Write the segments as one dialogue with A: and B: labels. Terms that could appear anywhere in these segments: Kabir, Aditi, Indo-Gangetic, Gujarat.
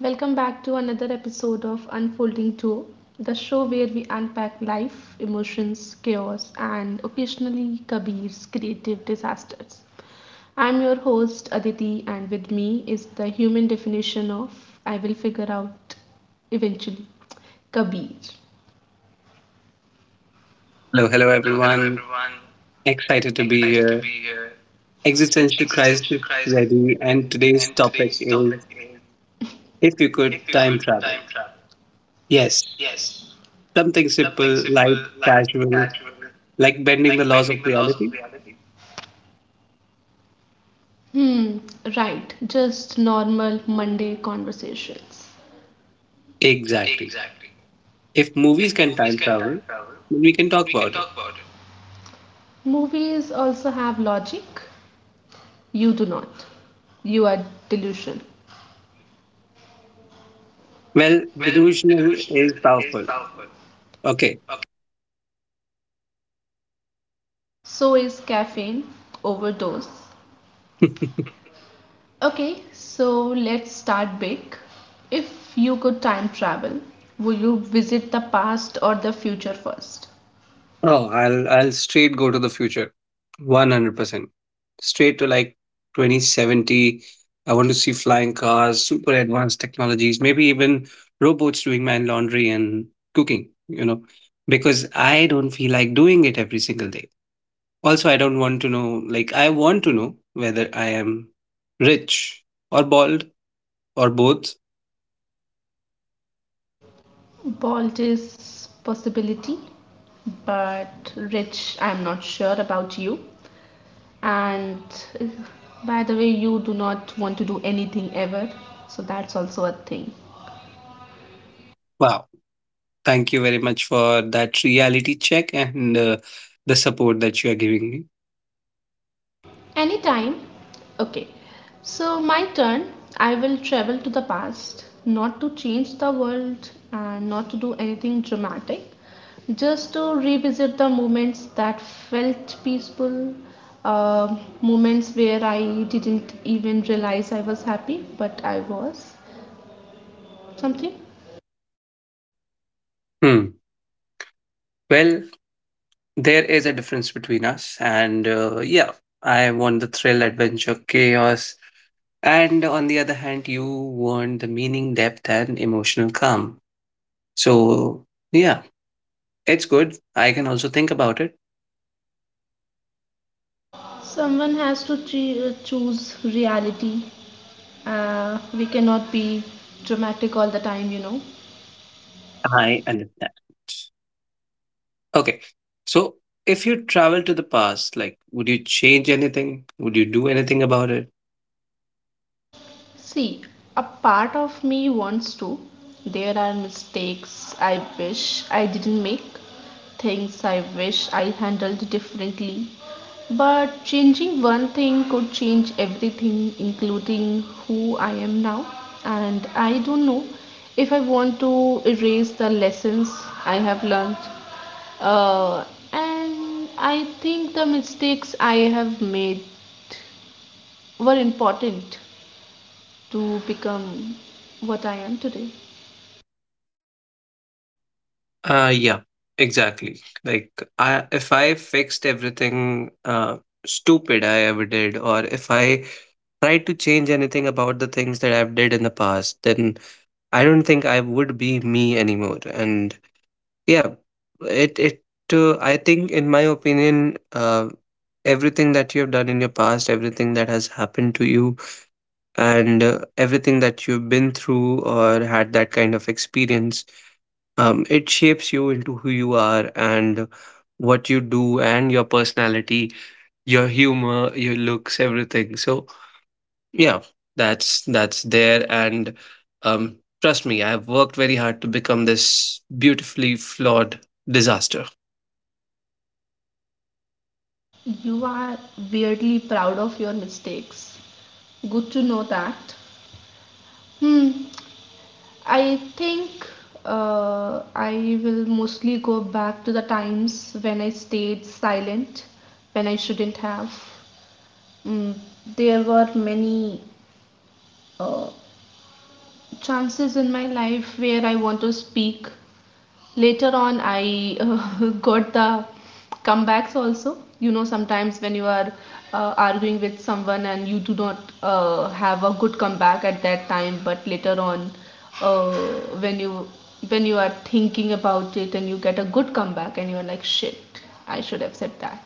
A: Welcome back to another episode of Unfolding Tour, the show where we unpack life, emotions, chaos, and occasionally Kabir's creative disasters. I'm your host Aditi, and with me is the human definition of I will figure out eventually Kabir.
B: Hello, hello everyone. Excited to be here. Existential crisis ready, and today's topic is if you could time travel. Yes, something simple, light, casual, like bending the laws of reality.
A: Hmm, right, just normal Monday conversations.
B: Exactly. If movies can time travel, we can talk about it.
A: Movies also have logic. You do not. You are delusion.
B: Well, delusional is powerful. Okay.
A: So is caffeine, overdose, Okay, so let's start big. If you could time travel, would you visit the past or the future first?
B: Oh, I'll straight go to the future, 100%. Straight to like 2070. I want to see flying cars, super advanced technologies, maybe even robots doing my laundry and cooking, you know, because I don't feel like doing it every single day. Also, I don't want to know, like, I want to know whether I am rich or bald or both.
A: Bald is possibility, but rich, I'm not sure about you. And by the way, you do not want to do anything ever, so that's also a thing.
B: Wow. Thank you very much for that reality check and the support that you are giving me.
A: Anytime. Okay. So, my turn. I will travel to the past, not to change the world and not to do anything dramatic, just to revisit the moments that felt peaceful, uh, moments where I didn't even realize I was happy, but I was something.
B: Hmm. Well, there is a difference between us, and yeah, I want the thrill, adventure, chaos, and on the other hand, you want the meaning, depth, and emotional calm. So, yeah, it's good. I can also think about it.
A: Someone has to choose reality. We cannot be dramatic all the time, you know.
B: I understand. Okay, so if you travel to the past, like, would you change anything? Would you do anything about it?
A: See, a part of me wants to. There are mistakes I wish I didn't make, things I wish I handled differently. But changing one thing could change everything, including who I am now. And I don't know if I want to erase the lessons I have learned. Uh, and I think the mistakes I have made were important to become what I am today.
B: Yeah, exactly. Like, I if I fixed everything stupid I ever did, or if I try to change anything about the things that I've did in the past, then I don't think I would be me anymore. And yeah, it I think in my opinion, everything that you have done in your past, everything that has happened to you, and everything that you've been through or had that kind of experience, it shapes you into who you are and what you do and your personality, your humor, your looks, everything. So yeah, that's there, and um, trust me, I've worked very hard to become this beautifully flawed disaster.
A: You are weirdly proud of your mistakes. Good to know that. Hmm. I think I will mostly go back to the times when I stayed silent, when I shouldn't have. Mm, there were many uh, chances in my life where I want to speak later on I got the comebacks also, you know, sometimes when you are arguing with someone and you do not have a good comeback at that time, but later on, uh, when you when you are thinking about it and you get a good comeback and you are like, shit, I should have said that.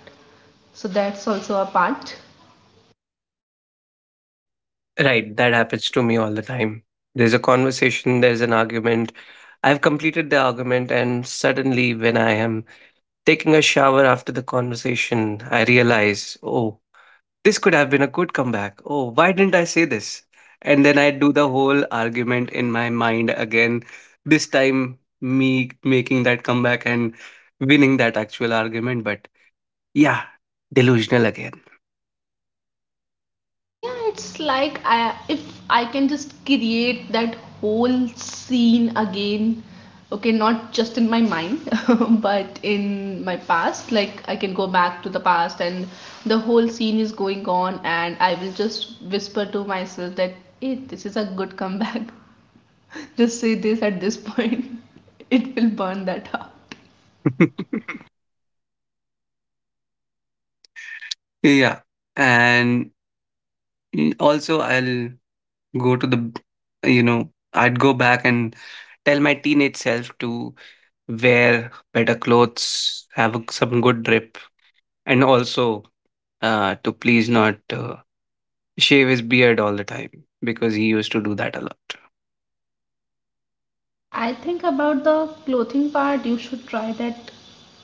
A: So that's also a part.
B: Right, that happens to me all the time. There's a conversation, there's an argument. I've completed the argument, and suddenly, when I am taking a shower after the conversation, I realize, oh, this could have been a good comeback. Oh, why didn't I say this? And then I do the whole argument in my mind again. This time, me making that comeback and winning that actual argument. But yeah, delusional again.
A: Yeah, it's like I if I can just create that whole scene again, okay, not just in my mind, but in my past, like I can go back to the past and the whole scene is going on and I will just whisper to myself that, hey, this is a good comeback. Just say this at this point. It will burn that out.
B: Yeah. And also, I'll go to the, b- you know, I'd go back and tell my teenage self to wear better clothes, some good drip, and also to please not shave his beard all the time because he used to do that a lot.
A: I think about the clothing part, you should try that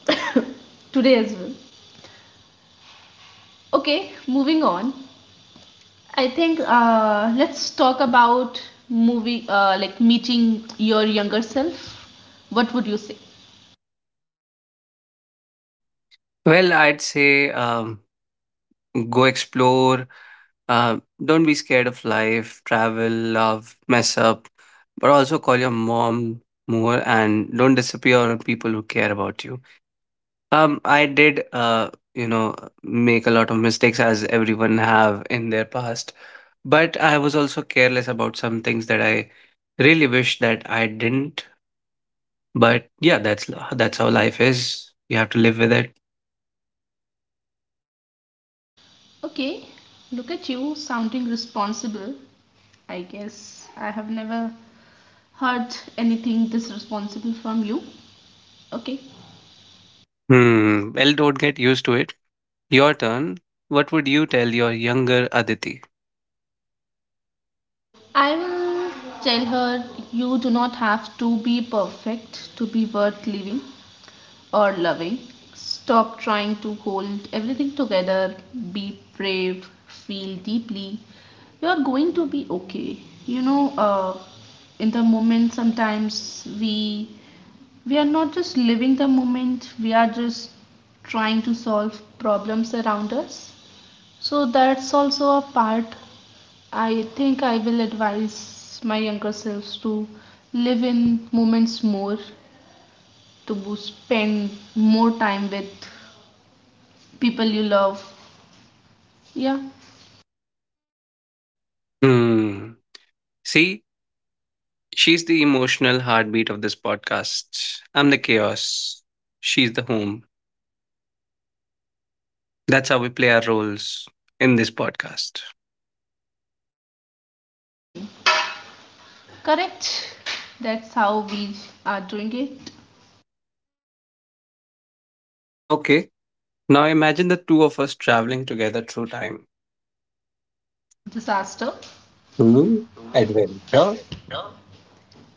A: today as well. Okay, moving on. I think let's talk about movie, like meeting your younger self. What would you say?
B: Well, I'd say go explore. Uh, don't be scared of life. Travel, love, mess up, but also call your mom more and don't disappear on people who care about you. I did, you know, make a lot of mistakes as everyone have in their past, but I was also careless about some things that I really wish that I didn't. But yeah, that's how life is. You have to live with it.
A: Okay, look at you sounding responsible. I guess I have never heard anything this responsible from you. Okay,
B: Hmm. Well, don't get used to it. Your turn. What would you tell your younger Aditi?
A: I will tell her, you do not have to be perfect to be worth living or loving. Stop trying to hold everything together. Be brave. Feel deeply. You are going to be okay. You know, in the moment, sometimes we are not just living the moment. We are just trying to solve problems around us, so that's also a part. I think I will advise my younger selves to live in moments more, to spend more time with people you love. Yeah,
B: Hmm. See, she's the emotional heartbeat of this podcast. I'm the chaos. She's the home. That's how we play our roles in this podcast.
A: hmm, correct. That's how we are doing it.
B: Okay. Now imagine the two of us traveling together through time.
A: Disaster.
B: Hmm. Adventure.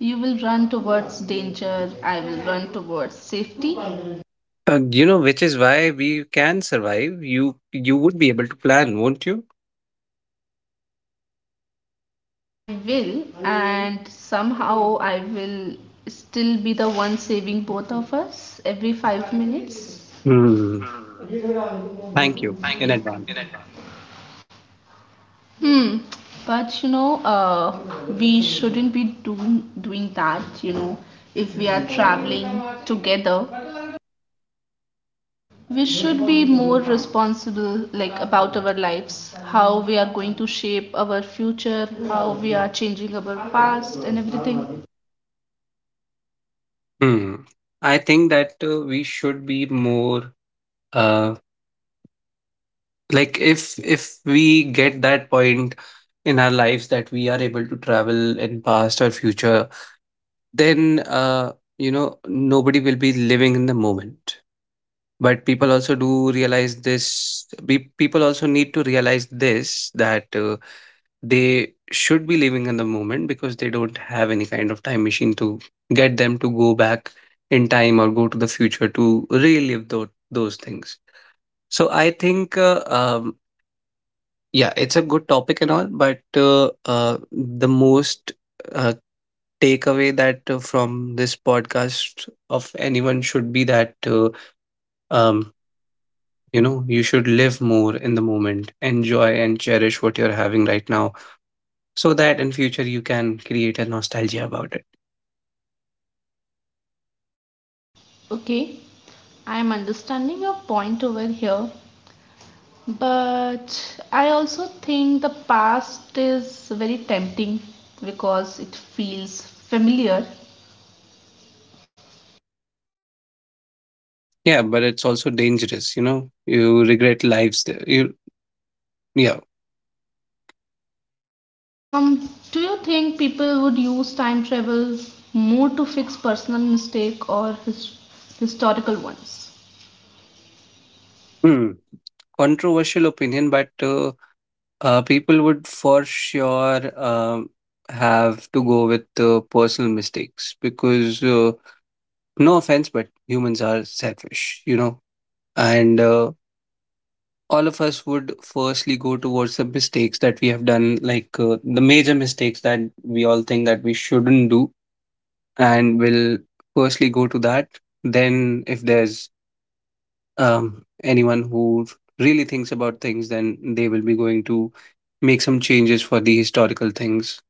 A: You will run towards danger, I will run towards safety.
B: You know, which is why we can survive. You would be able to plan, won't you?
A: I will, and somehow I will still be the one saving both of us every five minutes.
B: Hmm. Thank you in advance.
A: Hmm. But you know, we shouldn't be doing that. You know, if we are traveling together, we should be more responsible, like about our lives, how we are going to shape our future, how we are changing our past, and everything.
B: Hmm. I think that we should be more uh like if we get that point in our lives that we are able to travel in past or future, then you know nobody will be living in the moment. But people also do realize this. People also need to realize this that they should be living in the moment because they don't have any kind of time machine to get them to go back in time or go to the future to relive those things. So I think, yeah, it's a good topic and all, but the most uh, takeaway that from this podcast of anyone should be that um, you know you should live more in the moment, enjoy and cherish what you're having right now so that in future you can create a nostalgia about it.
A: Okay. I am understanding your point over here, but I also think the past is very tempting because it feels familiar.
B: Yeah, but it's also dangerous, you know, you regret lives there you yeah.
A: Do you think people would use time travel more to fix personal mistake or historical ones?
B: Hmm. Controversial opinion, but people would for sure have to go with personal mistakes because no offense but humans are selfish you know, and all of us would firstly go towards the mistakes that we have done, like the major mistakes that we all think that we shouldn't do, and we'll firstly go to that. Then, if there's anyone who really thinks about things, then they will be going to make some changes for the historical things.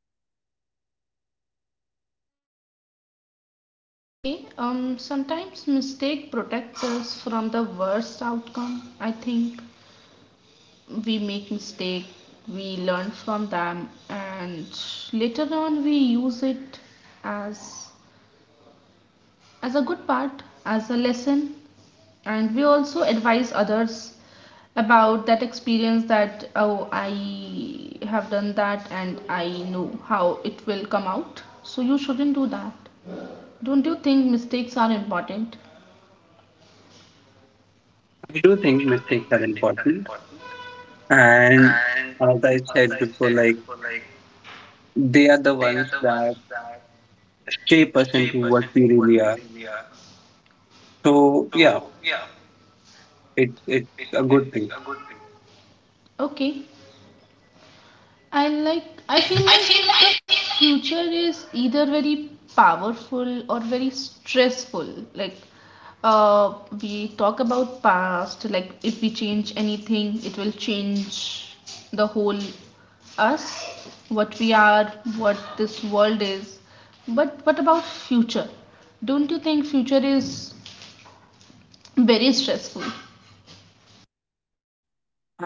A: Okay, sometimes mistake protects us from the worst outcome. I think we make mistake, we learn from them, and later on we use it as as a good part, as a lesson, and we also advise others about that experience that, oh, I have done that and I know how it will come out, so you shouldn't do that. Don't you think mistakes are important?
B: I do think mistakes are important, and as I said before, like they are the ones that shape us into what we really are. So yeah, it's a good thing.
A: Okay, I like, I feel
B: I
A: like
B: feel
A: the
B: like
A: future is either very powerful or very stressful. Like uh, we talk about past, like if we change anything, it will change the whole us, what we are, what this world is. But what about future? Don't you think future is very stressful?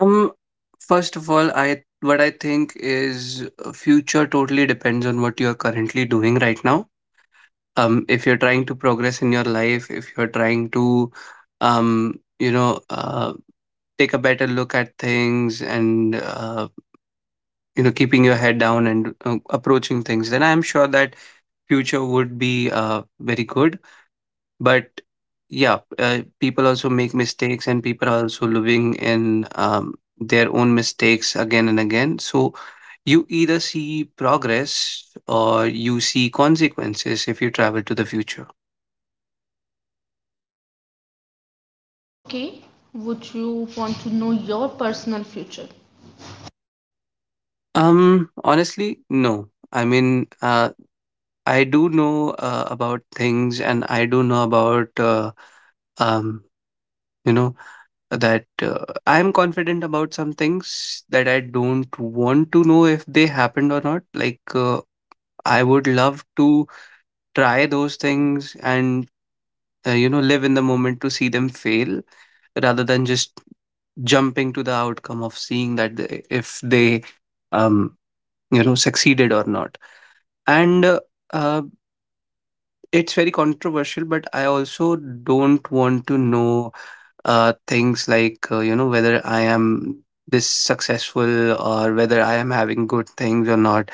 B: Um, first of all, I what I think is future totally depends on what you are currently doing right now. If you're trying to progress in your life, if you're trying to, um, you know, uh, take a better look at things and you know, keeping your head down and approaching things, then I'm sure that future would be very good, but yeah, people also make mistakes, and people are also living in their own mistakes again and again. So you either see progress or you see consequences if you travel to the future.
A: Okay, would you want to know your personal future?
B: Honestly, no. I mean, I do know about things, and I do know about um, you know that I'm confident about some things that I don't want to know if they happened or not. Like I would love to try those things and you know live in the moment to see them fail rather than just jumping to the outcome of seeing that they, if they um you know succeeded or not, and uh, it's very controversial but I also don't want to know things like you know whether I am this successful or whether I am having good things or not,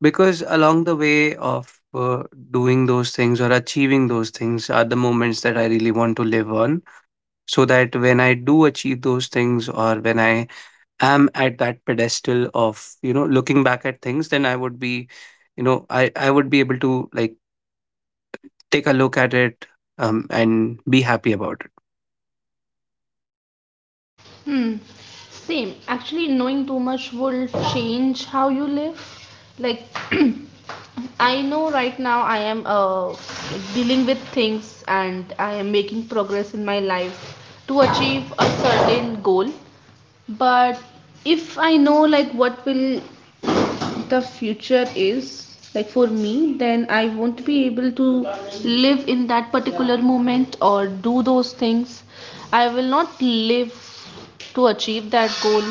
B: because along the way of doing those things or achieving those things are the moments that I really want to live on, so that when I do achieve those things or when I am at that pedestal of you know looking back at things then I would be you know i would be able to like take a look at it, and be happy about it.
A: Hmm. Same. Actually, knowing too much will change how you live. Like, I know right now I am dealing with things and I am making progress in my life to achieve a certain goal. But if I know like what will the future is like for me, then I won't be able to live in that particular moment or do those things. I will not live to achieve that goal.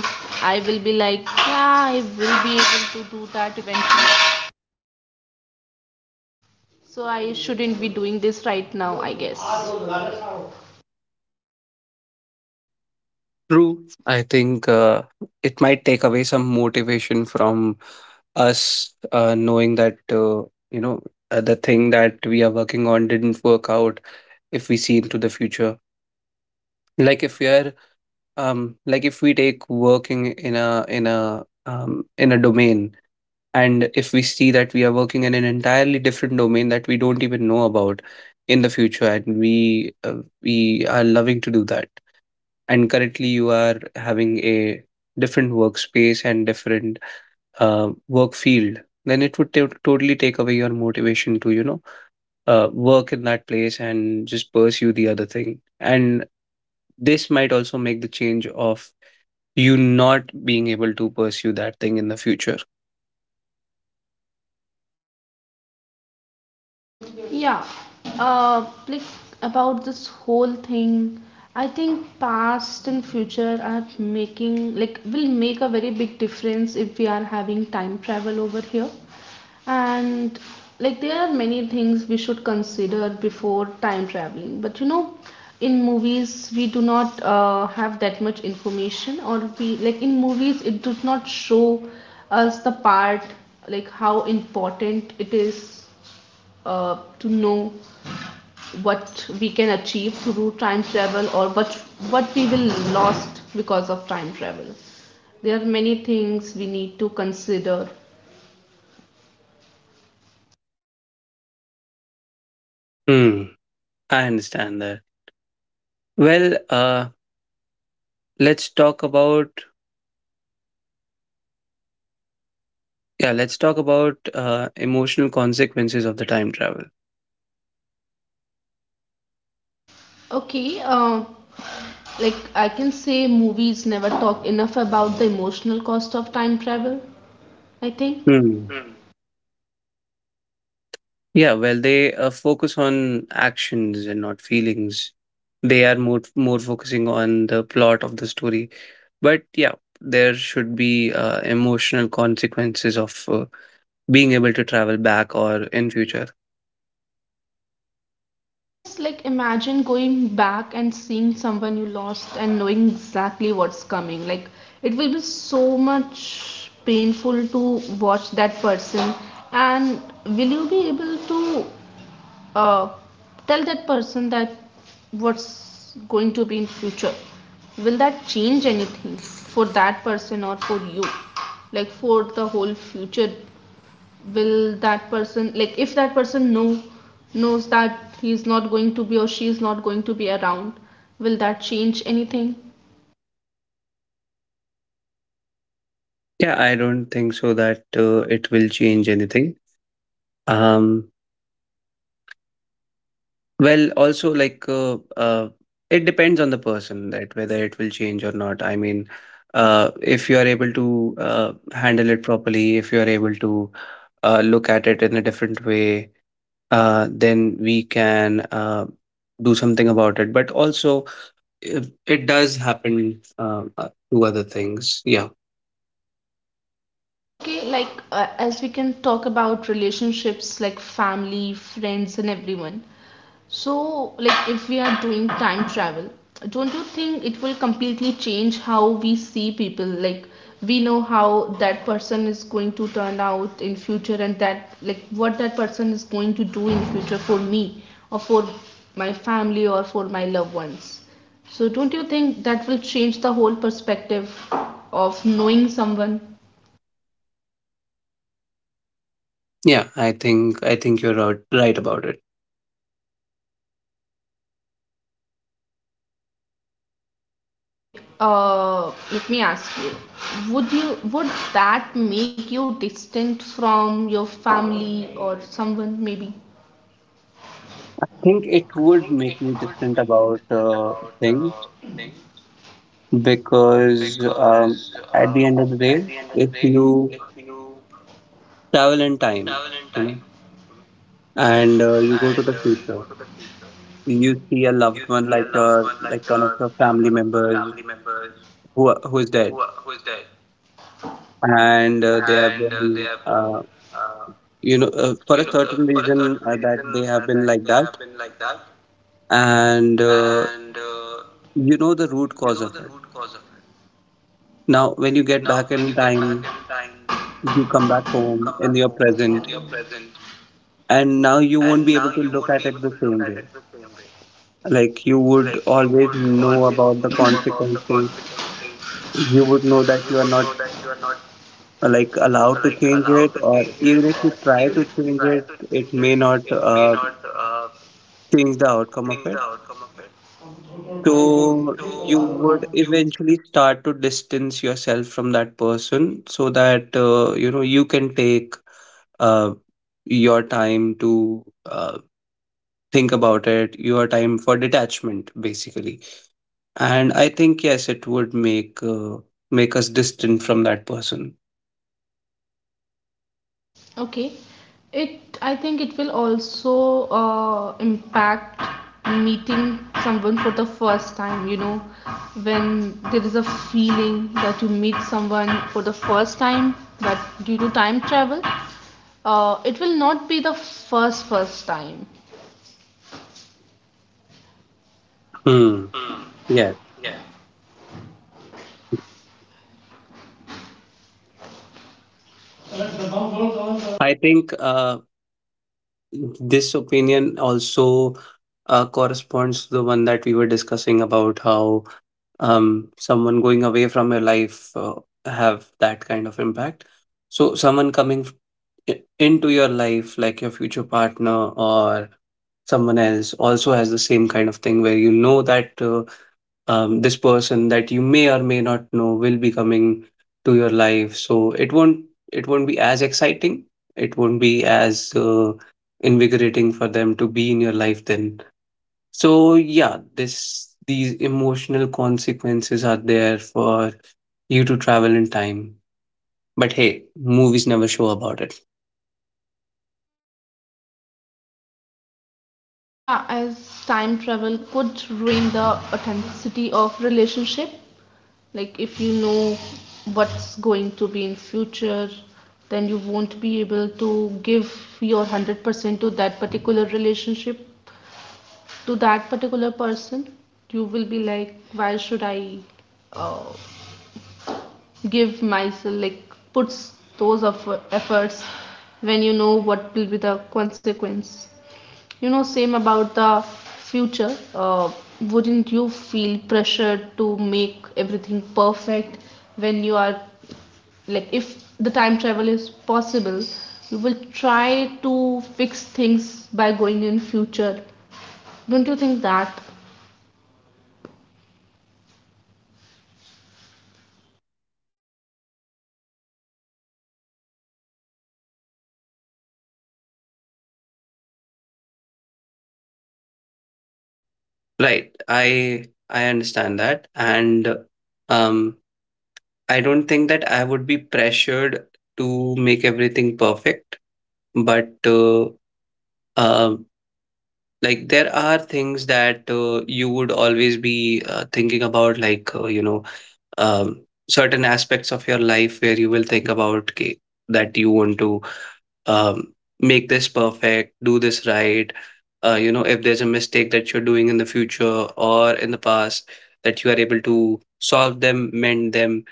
A: I will be like, yeah, I will be able to do that eventually, so I shouldn't be doing this right now, I guess.
B: True. I think it might take away some motivation from us knowing that, you know, the thing that we are working on didn't work out if we see into the future. Like if we are, like if we take working in a in a domain, and if we see that we are working in an entirely different domain that we don't even know about in the future, and we are loving to do that and currently you are having a different workspace and different work field, then it totally take away your motivation to you know work in that place and just pursue the other thing, and this might also make the change of you not being able to pursue that thing in the future.
A: Yeah, like about this whole thing, I think past and future are making like will make a very big difference if we are having time travel over here. And like there are many things we should consider before time traveling, but you know, in movies we do not have that much information, or we like in movies it does not show us the part like how important it is to know what we can achieve through time travel or what we will lost because of time travel. There are many things we need to consider.
B: Hmm, I understand that. Well let's talk about, yeah let's talk about emotional consequences of the time travel.
A: Okay, uh, like I can say movies never talk enough about the emotional cost of time travel, I think.
B: Yeah, well, they focus on actions and not feelings. They are more focusing on the plot of the story. But yeah, there should be emotional consequences of being able to travel back or in future.
A: Yes, like imagine going back and seeing someone you lost and knowing exactly what's coming. Like it will be so much painful to watch that person. And will you be able to uh, tell that person that what's going to be in future? Will that change anything for that person or for you, like for the whole future? Will that person like if that person know knows that he's not going to be or she is not going to be around, will that change anything?
B: Yeah, I don't think so that it will change anything. Um, well, also like it depends on the person that whether it will change or not. I mean, if you are able to handle it properly, if you are able to look at it in a different way, then we can do something about it. But also, it does happen to other things. Yeah,
A: Okay, like as we can talk about relationships like family, friends, and everyone. So, like if we are doing time travel, don't you think it will completely change how we see people? Like we know how that person is going to turn out in future and that like what that person is going to do in future for me or for my family or for my loved ones. So, don't you think that will change the whole perspective of knowing someone?
B: yeah, I think you're right about it.
A: Okay, let me ask you. Would you would that make you distinct from your family or someone maybe?
B: I think it would make me distant about things because at the end of the day, if you travel in time, you know, and you go to the future, you see a loved one like your like one of your family members who is dead, and they have been you know for a certain reason that they have been like that, and you know the root cause of it. Now, when you get back in time, you come back home in your present, and now you won't be able to look at it the same way. Like you would always know about the consequences. You would know that you are not like allowed to change it, or even if you try to change it, it may not change the outcome of it. So you would eventually start to distance yourself from that person, so that you know you can take uh, your time to uh, think about it, your time for detachment basically. And I think yes, it would make make us distant from that person.
A: Okay. It I think it will also impact meeting someone for the first time, you know, when there is a feeling that you meet someone for the first time, but due to time travel, it will not be the first time.
B: Hmm. Yeah, I think this opinion also corresponds to the one that we were discussing about how um, someone going away from your life have that kind of impact. So someone into your life, like your future partner or someone else, also has the same kind of thing, where you know that this person that you may or may not know will be coming to your life, so it won't be as exciting, it won't be as invigorating for them to be in your life then. So yeah, this these emotional consequences are there for you to travel in time, but hey, movies never show about it.
A: Yeah, as time travel could ruin the authenticity of relationship. Like if you know what's going to be in future, then you won't be able to give your 100% to that particular relationship, to that particular person. You will be like, why should I uh, give myself like puts those efforts when you know what will be the consequence. You know same about the future, wouldn't you feel pressured to make everything perfect when you are like if the time travel is possible, you will try to fix things by going in future. Don't you think that?
B: Right, I understand that, and um I don't think that I would be pressured to make everything perfect. But uh, like there are things that you would always be thinking about, like you know, um, certain aspects of your life where you will think about, "Okay, that you want to um, make this perfect, do this right, you know, if there's a mistake that you're doing in the future or in the past, that you are able to solve them, mend them."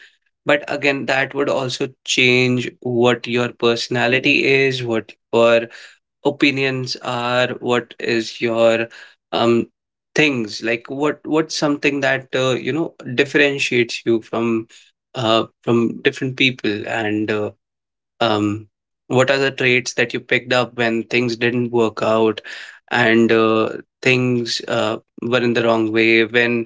B: But again, that would also change what your personality is, what your opinions are, what is your um things, like what's something that you know, differentiates you from different people, and um what are the traits that you picked up when things didn't work out, and things were in the wrong way, when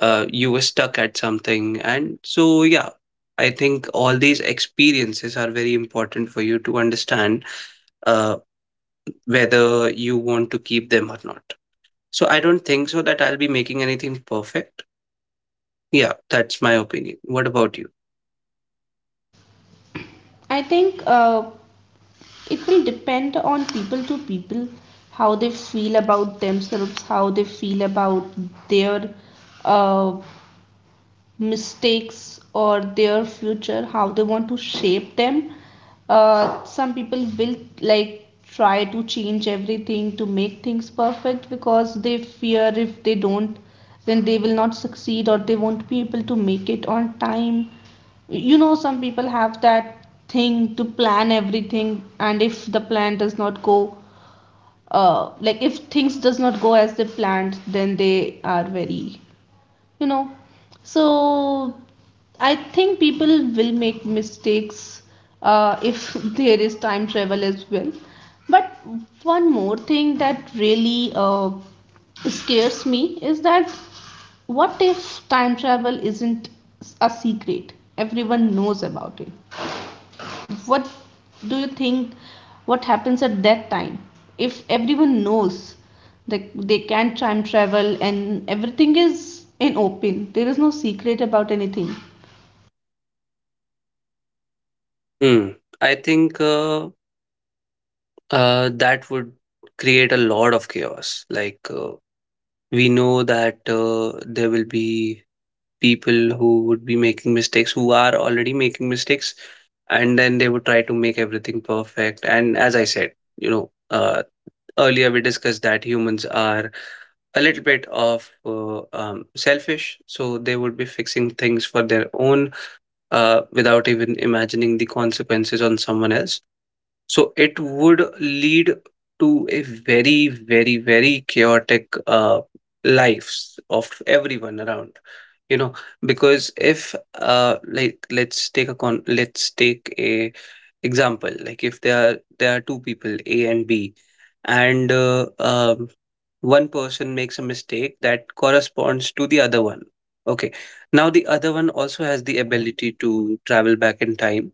B: you were stuck at something. And so yeah, I think all these experiences are very important for you to understand uh, whether you want to keep them or not. So I don't think so that I'll be making anything perfect. Yeah, that's my opinion. What about you?
A: I think it will depend on people to people, how they feel about themselves, how they feel about their uh, mistakes or their future, how they want to shape them. Some people will like try to change everything to make things perfect because they fear if they don't, then they will not succeed or they won't be able to make it on time. You know, some people have that thing to plan everything, and if the plan does not go like if things does not go as they planned, then they are very, you know. So I think people will make mistakes, if there is time travel as well. But one more thing that really scares me is that, what if time travel isn't a secret? Everyone knows about it. What do you think? What happens at that time if everyone knows that they can time travel and everything is in open, there is no secret about anything?
B: Hmm. I think that would create a lot of chaos. Like we know that there will be people who would be making mistakes, who are already making mistakes, and then they would try to make everything perfect. And as I said, you know, earlier we discussed that humans are a little bit of selfish, so they would be fixing things for their own without even imagining the consequences on someone else. So it would lead to a very, very, very chaotic lives of everyone around. You know, because if like let's take a example. Like if there are two people, A and B, and one person makes a mistake that corresponds to the other one. Okay, now the other one also has the ability to travel back in time,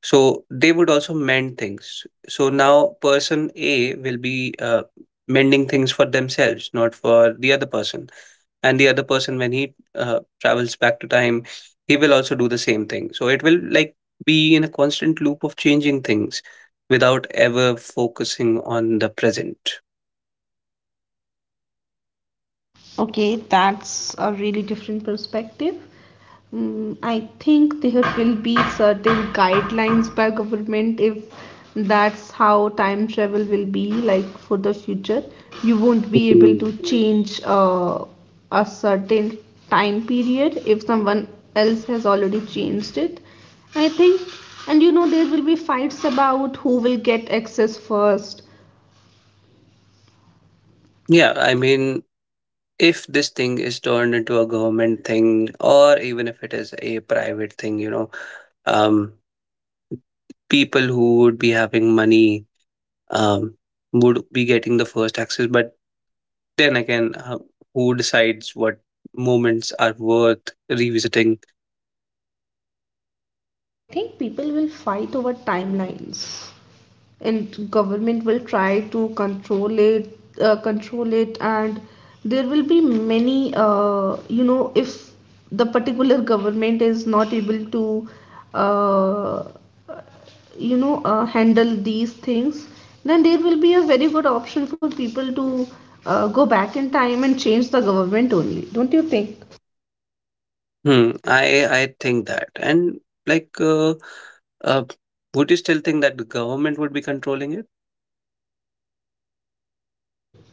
B: so they would also mend things. So now person A will be mending things for themselves, not for the other person. And the other person, when he travels back to time, he will also do the same thing. So it will like be in a constant loop of changing things without ever focusing on the present.
A: Okay, that's a really different perspective. I think there will be certain guidelines by government if that's how time travel will be like for the future. You won't be able to
B: Mhm.
A: change a certain time period if someone else has already changed it. I think, and you know, there will be fights about who will get access first.
B: Yeah, I mean, if this thing is turned into a government thing, or even if it is a private thing, you know, um, people who would be having money um, would be getting the first access. But then again, who decides what moments are worth revisiting?
A: I think people will fight over timelines, and government will try to control it, and there will be many, you know, if the particular government is not able to, uh, you know, handle these things, then there will be a very good option for people to go back in time and change the government only. Don't you think?
B: Hmm, I think that, and like, uh, would you still think that the government would be controlling it?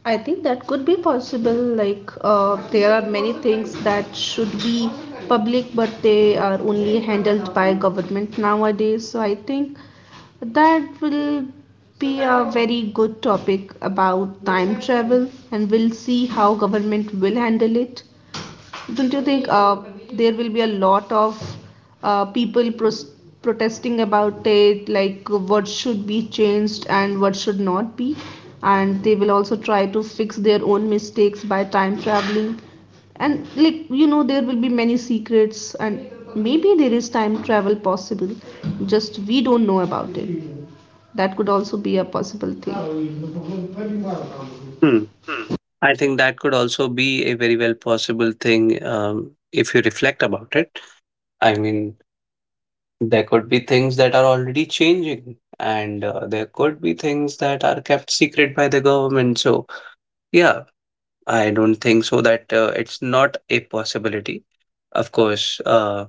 A: I think that could be possible. Like, there are many things that should be public, but they are only handled by government nowadays. So, I think that will be a very good topic about time travel, and we'll see how government will handle it. Don't you think there will be a lot of people protesting about it, like what should be changed and what should not be? And they will also try to fix their own mistakes by time traveling. And, like, you know, there will be many secrets, and maybe there is time travel possible, just we don't know about it. That could also be a possible thing.
B: Hmm. I think that could also be a very well possible thing if you reflect about it. I mean, there could be things that are already changing, and there could be things that are kept secret by the government. So, yeah, I don't think so that it's not a possibility. Of course,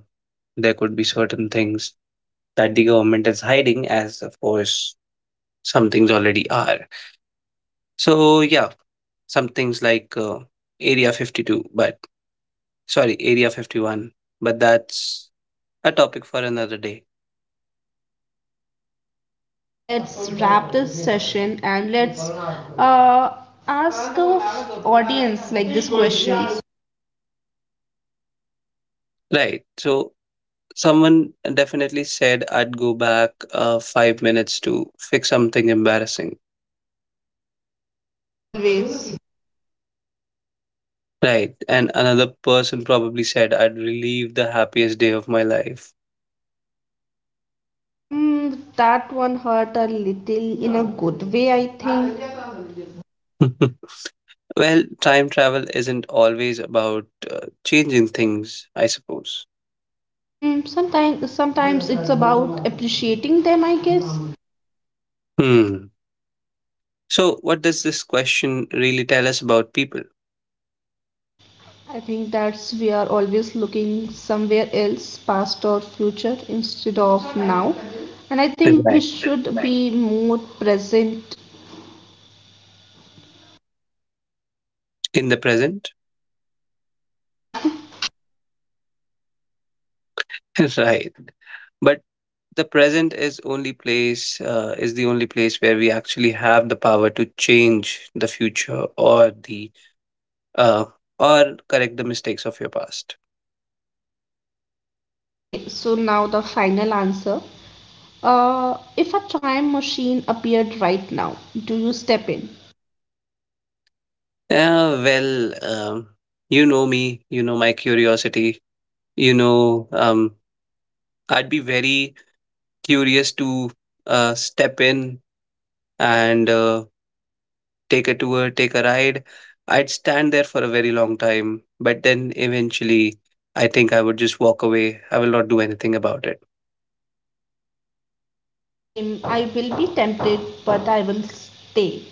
B: there could be certain things that the government is hiding, as of course, some things already are. So, yeah, some things like Area 52, but sorry, Area 51, but that's a topic for another day.
A: Yeah, let's wrap this session and let's uh, ask our audience like this question.
B: Right. So, someone definitely said I'd go back 5 minutes to fix something embarrassing.
A: Always.
B: Right. And another person probably said I'd relive the happiest day of my life.
A: That one hurt a little in a good way, I think.
B: Well, time travel isn't always about changing things, I suppose.
A: Hmm, sometimes, sometimes it's about appreciating them, I guess.
B: Hmm. So, what does this question really tell us about people?
A: I think that's we are always looking somewhere else, past or future, instead of now. And I think we
B: Right.
A: should be more present.
B: In the present?
A: Yeah.
B: Right. But the present is only place, is the only place where we actually have the power to change the future or the uh, or correct the mistakes of your past.
A: Okay, so now the final answer. If a time machine appeared right now, do you step in?
B: Well, um, you know me, you know my curiosity, you know, I'd be very curious to step in and take a tour, take a ride. I'd stand there for a very long time, but then eventually I think I would just walk away. I will not do anything about it.
A: Same, I will be tempted, but I will stay.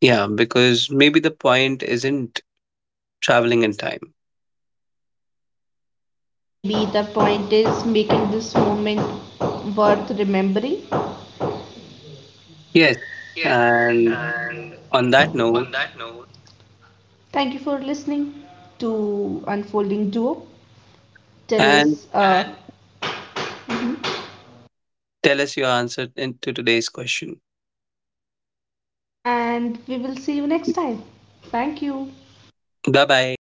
B: Yeah, because maybe the point isn't traveling in time.
A: Maybe the point is making this moment worth remembering.
B: Yes. And on that note,
A: Thank you for listening to Unfolding Duo. Tell
B: and
A: us, mhm.
B: tell us your answer in, to today's question.
A: And we will see you next time. Thank you.
B: Bye bye.